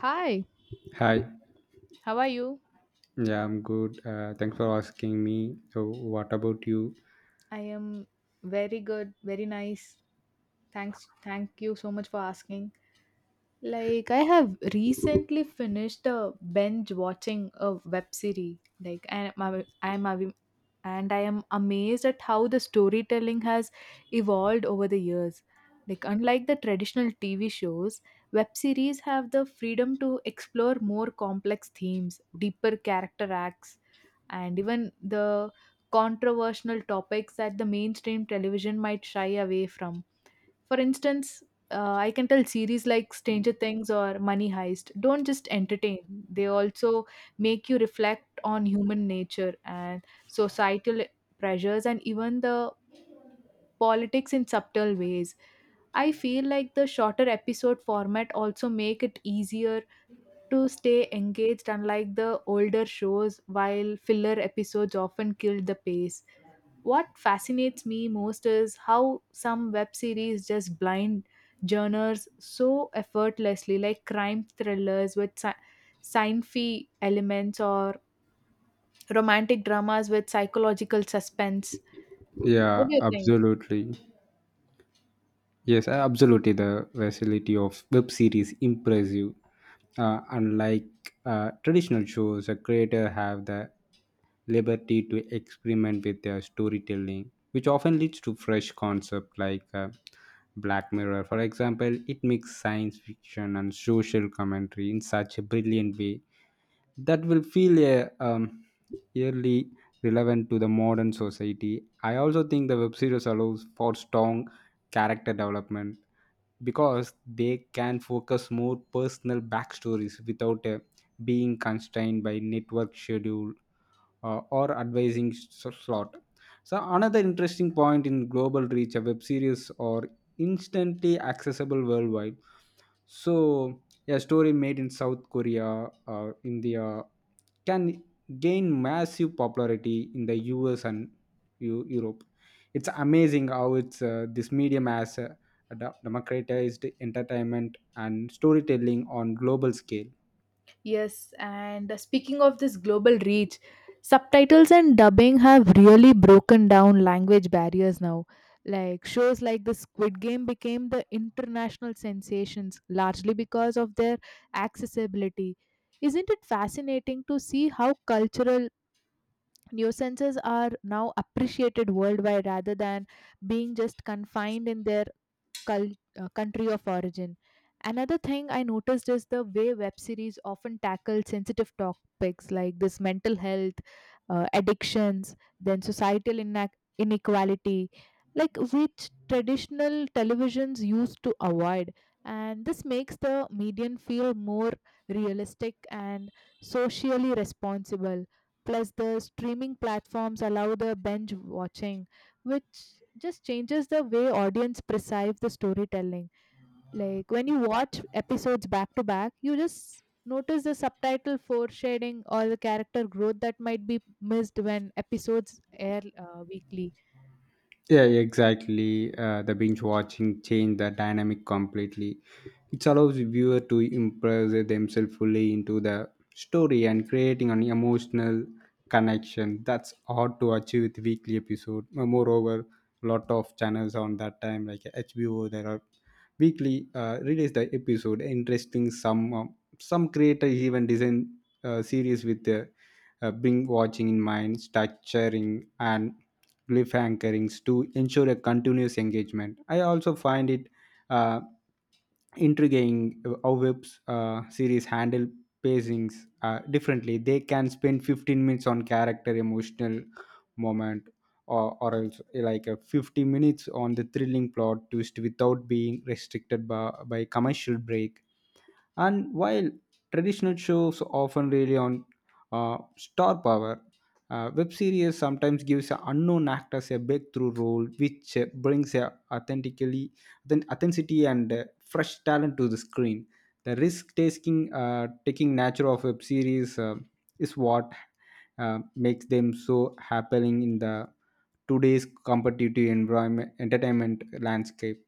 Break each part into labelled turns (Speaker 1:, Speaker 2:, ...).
Speaker 1: Hi,
Speaker 2: Hi.
Speaker 1: how are you?
Speaker 2: Yeah, I'm good. Thanks for asking me. So, what about you?
Speaker 1: I am very good, very nice. Thanks, thank you so much for asking. Like, I have recently finished a binge watching a web series. Like, I am, I am, am- and I am amazed at how the storytelling has evolved over the years. Like, unlike the traditional TV shows, web series have the freedom to explore more complex themes, deeper character arcs, and even the controversial topics that the mainstream television might shy away from. For instance, I can tell series like Stranger Things or Money Heist don't just entertain, they also make you reflect on human nature and societal pressures and even the politics in subtle ways. I feel like the shorter episode format also make it easier to stay engaged unlike the older shows while filler episodes often killed the pace. What fascinates me most is how some web series just blind genres so effortlessly, like crime thrillers with sci-fi elements or romantic dramas with psychological suspense. What
Speaker 2: Yeah,
Speaker 1: do you think?
Speaker 2: absolutely. Yes, absolutely. The versatility of web series impress you. Unlike traditional shows, a creator have the liberty to experiment with their storytelling, which often leads to fresh concept like Black Mirror. For example, it makes science fiction and social commentary in such a brilliant way that will feel eerily relevant to the modern society. I also think the web series allows for strong character development because they can focus more personal backstories without being constrained by network schedule or slot. So another interesting point in global reach, a web series are instantly accessible worldwide. So a story made in South Korea, India can gain massive popularity in the US and Europe. It's amazing how it's this medium has democratized entertainment and storytelling on global scale.
Speaker 1: Yes, and speaking of this global reach, subtitles and dubbing have really broken down language barriers now. Like shows like the Squid Game became the international sensations largely because of their accessibility. Isn't it fascinating to see how cultural nuisances are now appreciated worldwide rather than being just confined in their cul- country of origin. Another thing I noticed is the way web series often tackle sensitive topics like this mental health, addictions, then societal inequality, like which traditional televisions used to avoid. And this makes the median feel more realistic and socially responsible. Plus, the streaming platforms allow the binge watching, which just changes the way audience perceive the storytelling, like when you watch episodes back to back you just notice the subtitle foreshadowing or the character growth that might be missed when episodes air weekly.
Speaker 2: Yeah, yeah, exactly. The binge watching changed the dynamic completely. It allows the viewer to immerse themselves fully into the story and creating an emotional connection. That's hard to achieve with weekly episode. Moreover, lot of channels on that time like HBO, there are weekly release the episode. Interesting. Some creators even design series with the binge watching in mind, structuring and cliffhangers to ensure a continuous engagement. I also find it uh, intriguing how webs series handle pacings differently. They can spend 15 minutes on character emotional moment or else like a 50 minutes on the thrilling plot twist without being restricted by commercial break. And while traditional shows often rely on star power, web series sometimes gives unknown actors a breakthrough role, which brings a authentically then authenticity and fresh talent to the screen. The risk-taking taking nature of web series is what makes them so appealing in the today's competitive environment entertainment landscape.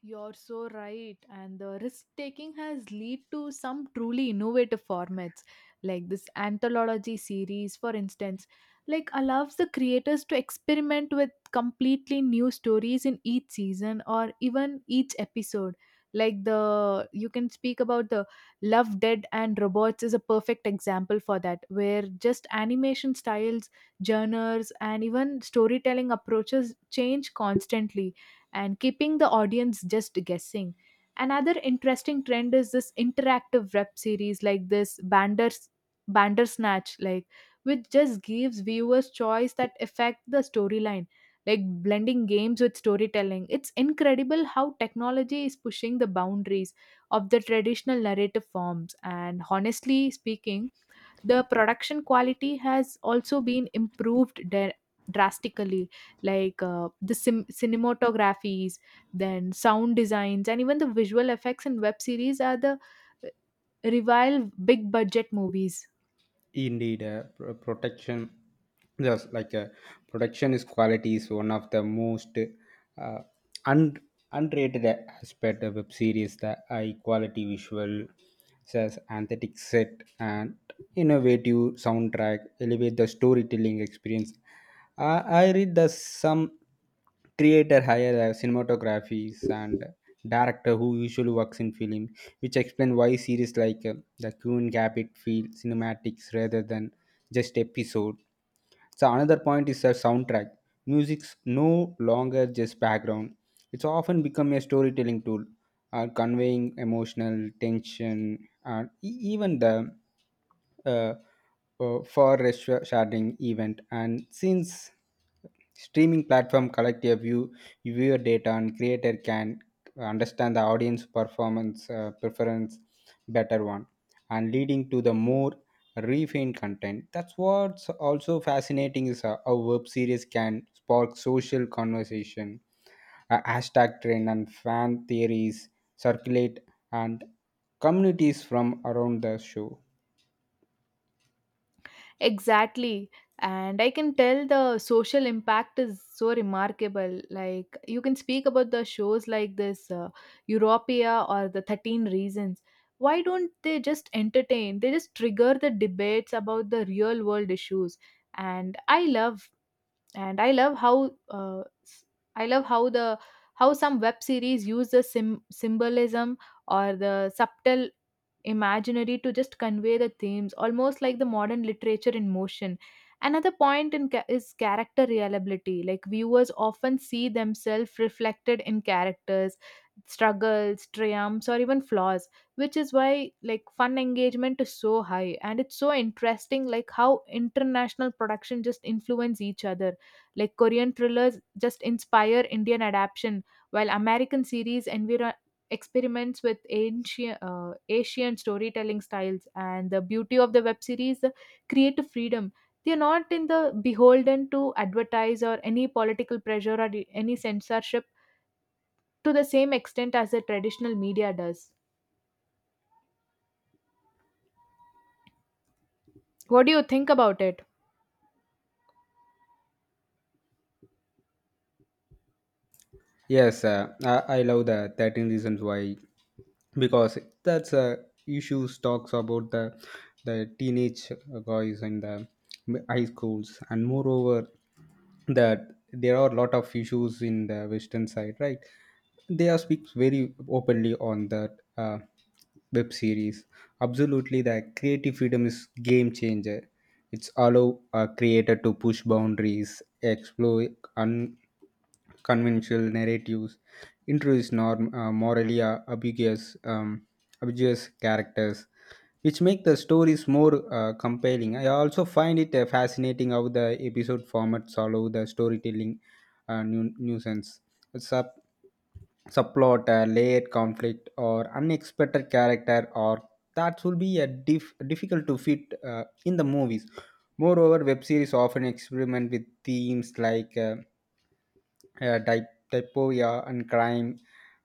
Speaker 1: You're so right. And the risk taking has led to some truly innovative formats, like this anthology series, for instance, like allows the creators to experiment with completely new stories in each season or even each episode. Like the you can speak about the Love Dead and Robots is a perfect example for that, where just animation styles, genres, and even storytelling approaches change constantly and keeping the audience just guessing. Another interesting trend is this interactive web series like this Bandersnatch, like which just gives viewers choice that affect the storyline, like blending games with storytelling. It's incredible how technology is pushing the boundaries of the traditional narrative forms. And honestly speaking, the production quality has also been improved drastically, like the cinematographies, then sound designs, and even the visual effects in web series are the uh, rival big budget movies.
Speaker 2: Indeed, protection, just like protection is quality is one of the most uh, un- underrated aspect of web series. The high quality visual, says aesthetic set and innovative soundtrack elevate the storytelling experience. I read that some creator hire cinematographies and director who usually works in film, which explain why series like the Queen gap it feel cinematics rather than just episode. So another point is the soundtrack. Music's no longer just background. It's often become a storytelling tool, conveying emotional tension and even the uh, for a sharding event. And since streaming platform collect your view viewer data and creator can understand the audience performance preference better one and leading to the more refined content. That's what's also fascinating is how web series can spark social conversation. A hashtag trend and fan theories circulate and communities from around the show.
Speaker 1: Exactly. And I can tell the social impact is so remarkable. Like, you can speak about the shows like this, Europea or the 13 Reasons. Why don't they just entertain? They just trigger the debates about the real world issues. And I love, and I love how, s- I love how the how some web series use the symbolism or the subtle imaginary to just convey the themes, almost like the modern literature in motion. Another point in is character reliability. Like viewers often see themselves reflected in characters, struggles, triumphs, or even flaws, which is why like fun engagement is so high. And it's so interesting, like how international production just influence each other. Like Korean thrillers just inspire Indian adaptation, while American series environment experiments with ancient Asian storytelling styles. And the beauty of the web series, the creative freedom, they are not in the beholden to advertise or any political pressure or any censorship to the same extent as the traditional media does. What do you think about it?
Speaker 2: Yes, I love the 13 reasons why, because that's issues talks about the teenage guys and the high schools. And moreover, that there are a lot of issues in the western side, right? They are speaks very openly on that, web series. Absolutely, the creative freedom is game changer. It's allow a creator to push boundaries, explore unconventional narratives, introduce norm, morally ambiguous characters, which make the stories more compelling. I also find it fascinating how the episode formats allow the storytelling nuisance. Sub- Subplot, a layered conflict, or unexpected character, or that will be a difficult to fit in the movies. Moreover, web series often experiment with themes like uh, dy- dysphoria and crime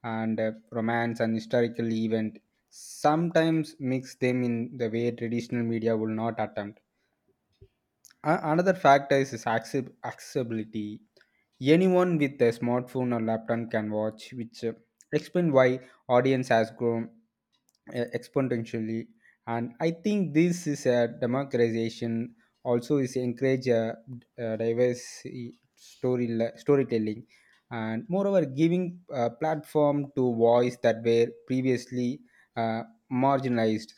Speaker 2: and romance and historical event. Sometimes mix them in the way traditional media will not attempt. A- another factor is accessibility. Anyone with a smartphone or laptop can watch, which explain why audience has grown exponentially. And I think this is a democratization, also is encourage a diverse story storytelling, and moreover giving a platform to voice that were previously uh, marginalized.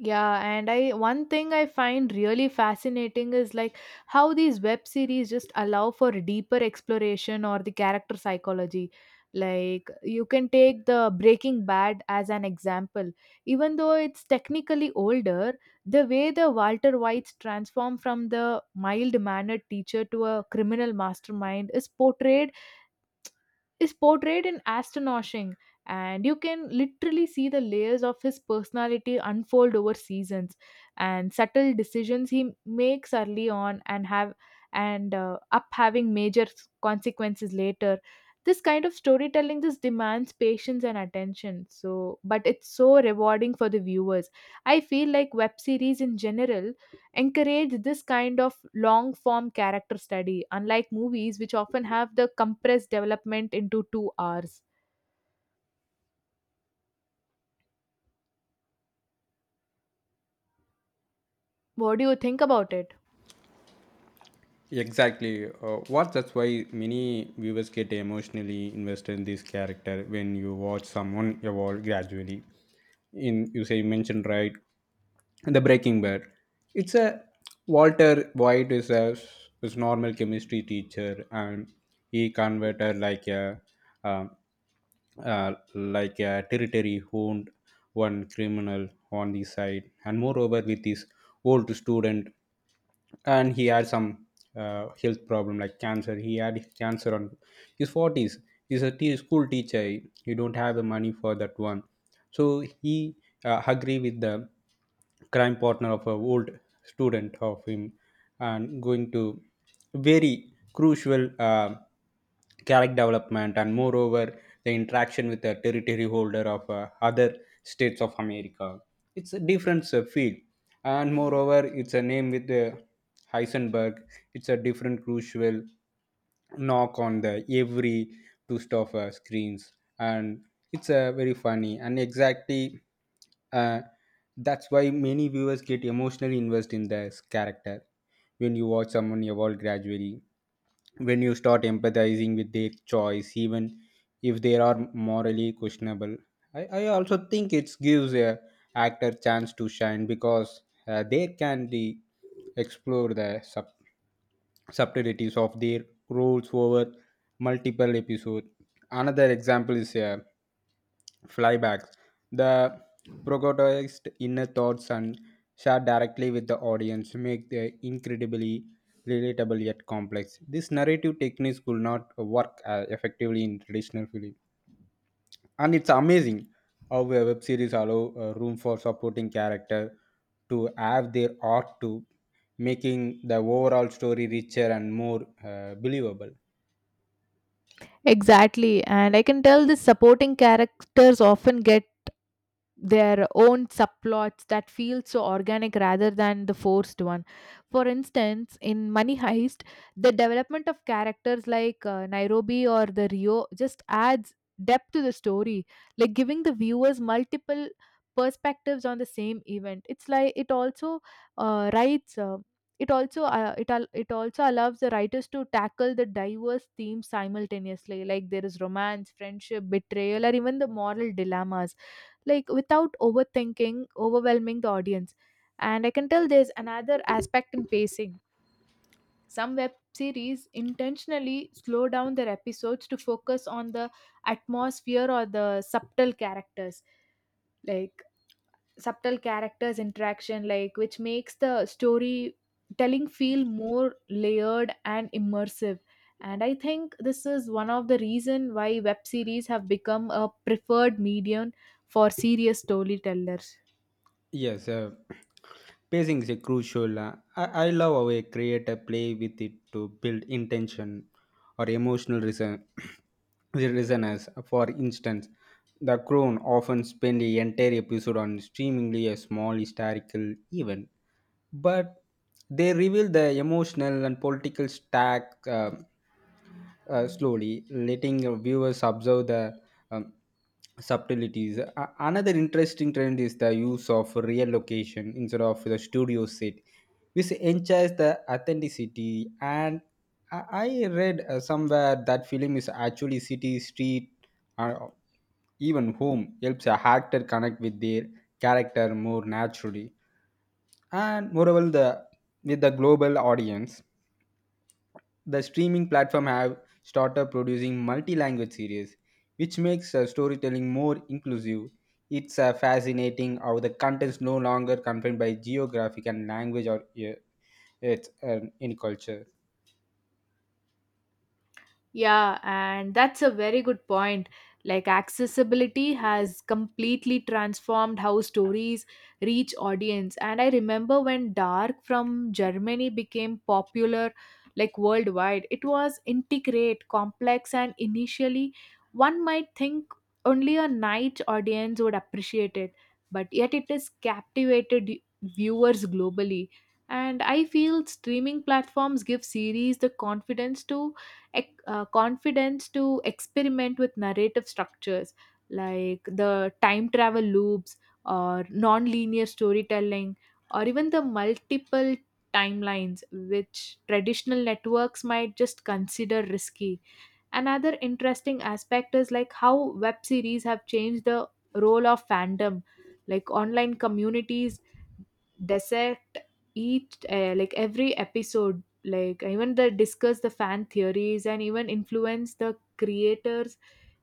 Speaker 1: Yeah, and I one thing I find really fascinating is like how these web series just allow for deeper exploration or the character psychology. Like you can take the Breaking Bad as an example. Even though it's technically older, the way the Walter White's transform from the mild-mannered teacher to a criminal mastermind is portrayed in astonishing, and you can literally see the layers of his personality unfold over seasons and subtle decisions he makes early on and have and up having major consequences later. This kind of storytelling just demands patience and attention, so but it's so rewarding for the viewers. I feel like web series in general encourage this kind of long form character study, unlike movies which often have the compressed development into 2 hours. What do you think about it?
Speaker 2: Exactly. What that's why many viewers get emotionally invested in this character when you watch someone evolve gradually. In you say you mentioned right, the Breaking Bad. It's a Walter White is a is normal chemistry teacher, and he converted uh, like a territory honed one criminal on the side, and moreover with his old student. And he had some health problem like cancer. He had cancer on his 40s. He's a school teacher. He don't have the money for that one, so he agree with the crime partner of a old student of him, and going to very crucial character development. And moreover, the interaction with the territory holder of other states of America. It's a different field. And moreover, it's a name with Heisenberg. It's a different crucial knock on the every twist of screens. And it's very funny. And exactly, uh, that's why many viewers get emotionally invested in this character when you watch someone evolve gradually, when you start empathizing with their choice, even if they are morally questionable. I also think it gives a actor chance to shine because they can be explore the subtleties of their roles over multiple episodes. Another example is flybacks. The protagonist's inner thoughts and shared directly with the audience make the incredibly relatable yet complex. This narrative techniques could not work effectively in traditional film. And it's amazing how a web series allow room for supporting character to have their art to making the overall story richer and more believable.
Speaker 1: Exactly, and I can tell the supporting characters often get their own subplots that feel so organic rather than the forced one. For instance, in Money Heist, the development of characters like Nairobi or the Rio just adds depth to the story, like giving the viewers multiple perspectives on the same event. It's like it also writes. It also it al- It also allows the writers to tackle the diverse themes simultaneously, like there is romance, friendship, betrayal, or even the moral dilemmas, like without overthinking, overwhelming the audience. And I can tell there's another aspect in pacing. Some web series intentionally slow down their episodes to focus on the atmosphere or the like subtle characters interaction, like which makes the storytelling feel more layered and immersive. And I think this is one of the reason why web series have become a preferred medium for serious storytellers.
Speaker 2: Yes, pacing is a crucial. I love how a creator play with it to build intention or emotional reason, the resonance. For instance, The Crown often spend the entire episode on streamingly a small historical event, but they reveal the emotional and political stack slowly, letting viewers observe the um, subtleties. A- another interesting trend is the use of real location instead of the studio set, which ensures the authenticity. And I read somewhere that film is actually city, street, or even home helps a actor connect with their character more naturally. And moreover, the with the global audience, the streaming platform have started producing multi-language series, which makes storytelling more inclusive. It's fascinating how the content is no longer confined by geographic and language, or uh, it's in culture.
Speaker 1: Yeah, and that's a very good point. Like, accessibility has completely transformed how stories reach audience. And I remember when Dark from Germany became popular, like worldwide, it was intricate, complex, and initially one might think only a niche audience would appreciate it, but yet it has captivated viewers globally. And I feel streaming platforms give series the confidence to confidence to experiment with narrative structures like the time travel loops or non-linear storytelling or even the multiple timelines, which traditional networks might just consider risky. Another interesting aspect is like how web series have changed the role of fandom, like online communities dissect each like every episode, like even they discuss the fan theories and even influence the creators.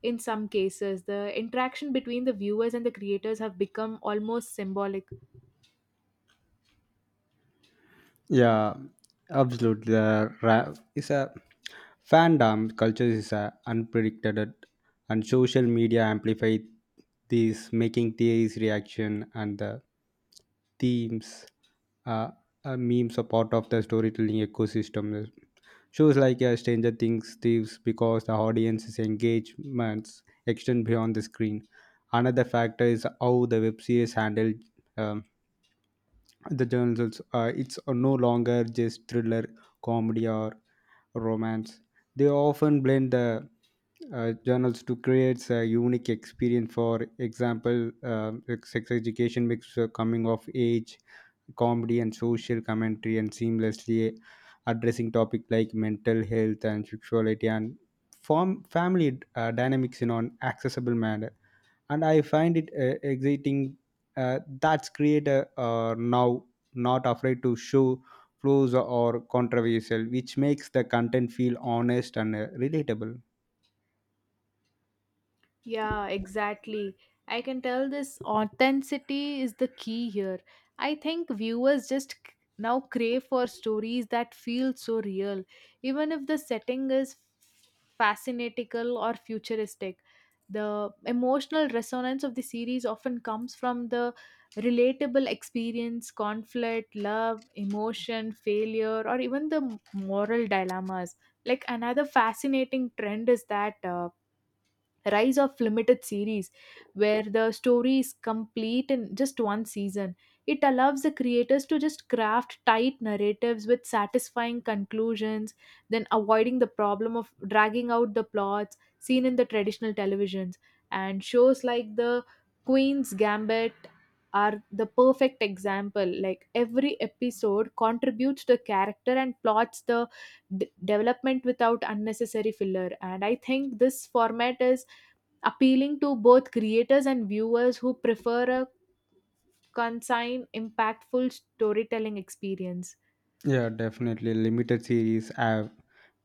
Speaker 1: In some cases the interaction between the viewers and the creators have become almost symbolic.
Speaker 2: Yeah, absolutely. The ra- is a fandom culture is a unpredicted, and social media amplify this, making these reaction and the themes, uh, memes are part of the storytelling ecosystem. Shows like Stranger Things, Thieves, because the audience's engagements extend beyond the screen. Another factor is how the web series handled um, the journals also, it's no longer just thriller, comedy, or romance. They often blend the journals to create a unique experience. For example, like sex education mixed coming of age comedy and social commentary, and seamlessly addressing topics like mental health and sexuality and form family dynamics in an accessible manner. And I find it exciting, that's creator now not afraid to show flaws or controversial, which makes the content feel honest and relatable.
Speaker 1: Yeah, exactly. I can tell this authenticity is the key here. I think viewers just now crave for stories that feel so real, even if the setting is fascinatical or futuristic. The emotional resonance of the series often comes from the relatable experience, conflict, love, emotion, failure, or even the moral dilemmas. Like another fascinating trend is that. Rise of limited series where the story is complete in just one season. It allows the creators to just craft tight narratives with satisfying conclusions, then avoiding the problem of dragging out the plots seen in the traditional televisions. And shows like the queen's gambit are the perfect example, like every episode contributes to character and plots the development without unnecessary filler. And I think this format is appealing to both creators and viewers who prefer a concise, impactful storytelling experience.
Speaker 2: Yeah, definitely. Limited series are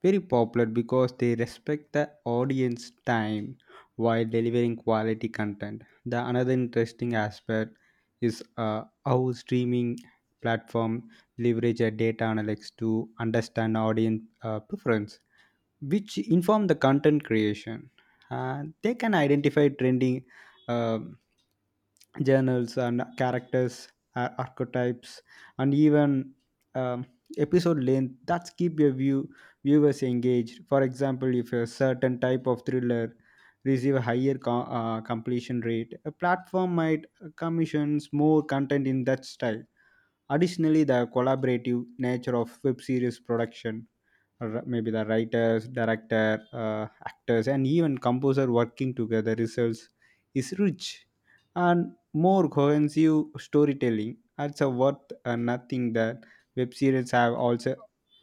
Speaker 2: very popular because they respect the audience time while delivering quality content. The another interesting aspect is how streaming platform leverage data analytics to understand audience preference, which inform the content creation. They can identify trending um journals and characters, archetypes, and even um, episode length that keep your view viewers engaged. For example, if a certain type of thriller receive a higher completion rate, a platform might commissions more content in that style. Additionally, the collaborative nature of web series production, maybe the writers, director, actors, and even composer working together results is rich and more cohesive storytelling. That's a worth nothing that web series have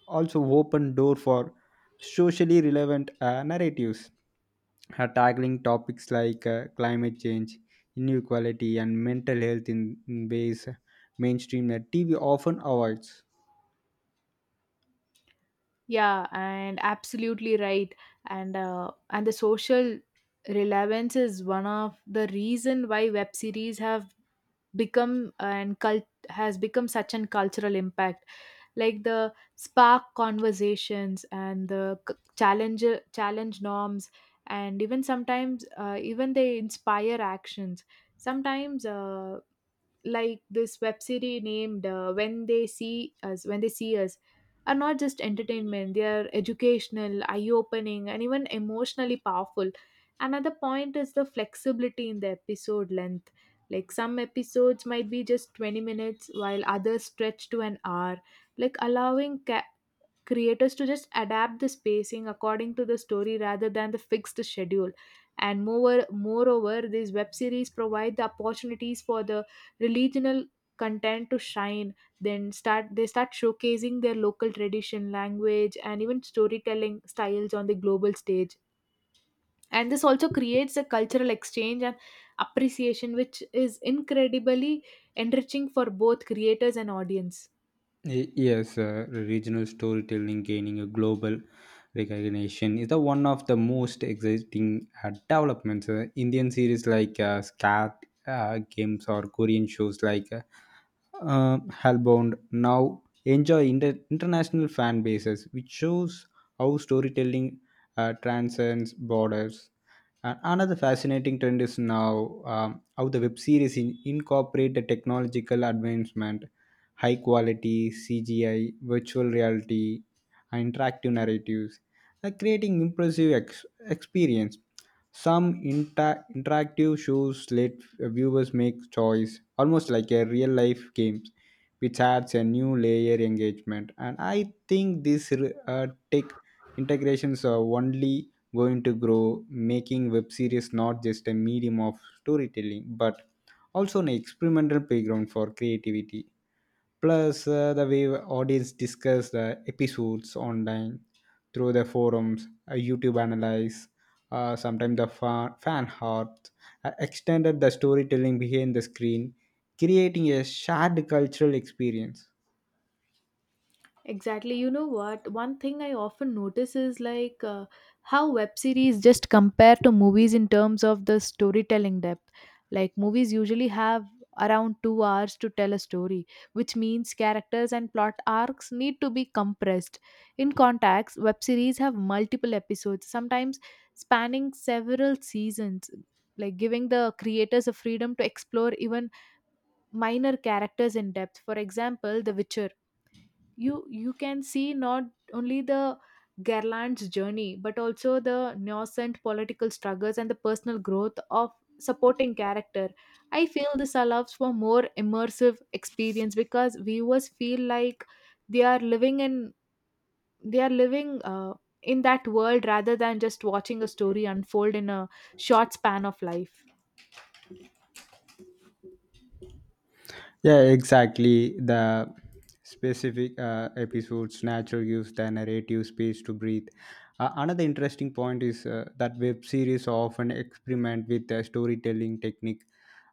Speaker 2: also opened door for socially relevant narratives, tackling topics like climate change, inequality, and mental health in ways mainstream that TV often avoids.
Speaker 1: Yeah, and absolutely right. And the social relevance is one of the reason why web series have become and cult has become such an cultural impact, like the spark conversations and the challenge norms, and even sometimes even they inspire actions sometimes like this web series named when they see us are not just entertainment, they are educational, eye opening, and even emotionally powerful. Another point is the flexibility in the episode length, like some episodes might be just 20 minutes while others stretch to an hour, like allowing creators to just adapt the spacing according to the story rather than the fixed schedule. And moreover these web series provide the opportunities for the regional content to shine, then start they start showcasing their local tradition language and even storytelling styles on the global stage. And this also creates a cultural exchange and appreciation, which is incredibly enriching for both creators and audience.
Speaker 2: Y- yes, regional storytelling gaining a global recognition is the one of the most exciting developments. Indian series like Scat Games or Korean shows like Hellbound now enjoy international fan bases, which shows how storytelling transcends borders. And another fascinating trend is now how the web series incorporate the technological advancement, high quality CGI, virtual reality, and interactive narratives, creating impressive experience. Some interactive shows let viewers make choice, almost like a real life game, which adds a new layer engagement. And I think this tech integrations are only going to grow, making web series not just a medium of storytelling, but also an experimental playground for creativity. Plus the way audience discuss the episodes online through the forums, YouTube analyze, sometimes the fan art, extended the storytelling behind the screen, creating a shared cultural experience.
Speaker 1: Exactly. You know what? One thing I often notice is like how web series just compare to movies in terms of the storytelling depth. Like movies usually have around 2 hours to tell a story, which means characters and plot arcs need to be compressed. In context, web series have multiple episodes, sometimes spanning several seasons, like giving the creators a freedom to explore even minor characters in depth. For example, The Witcher, you can see not only the Garland's journey, but also the nascent political struggles and the personal growth of supporting character. I feel this allows for more immersive experience because viewers feel like they are living in they are living in that world rather than just watching a story unfold in a short span of life.
Speaker 2: Yeah, exactly. The specific episodes nature gives the narrative space to breathe. Another interesting point is that web series often experiment with the storytelling technique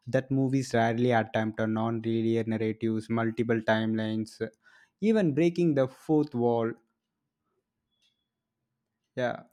Speaker 2: that movies rarely attempt on non-linear narratives, multiple timelines, even breaking the fourth wall. Yeah,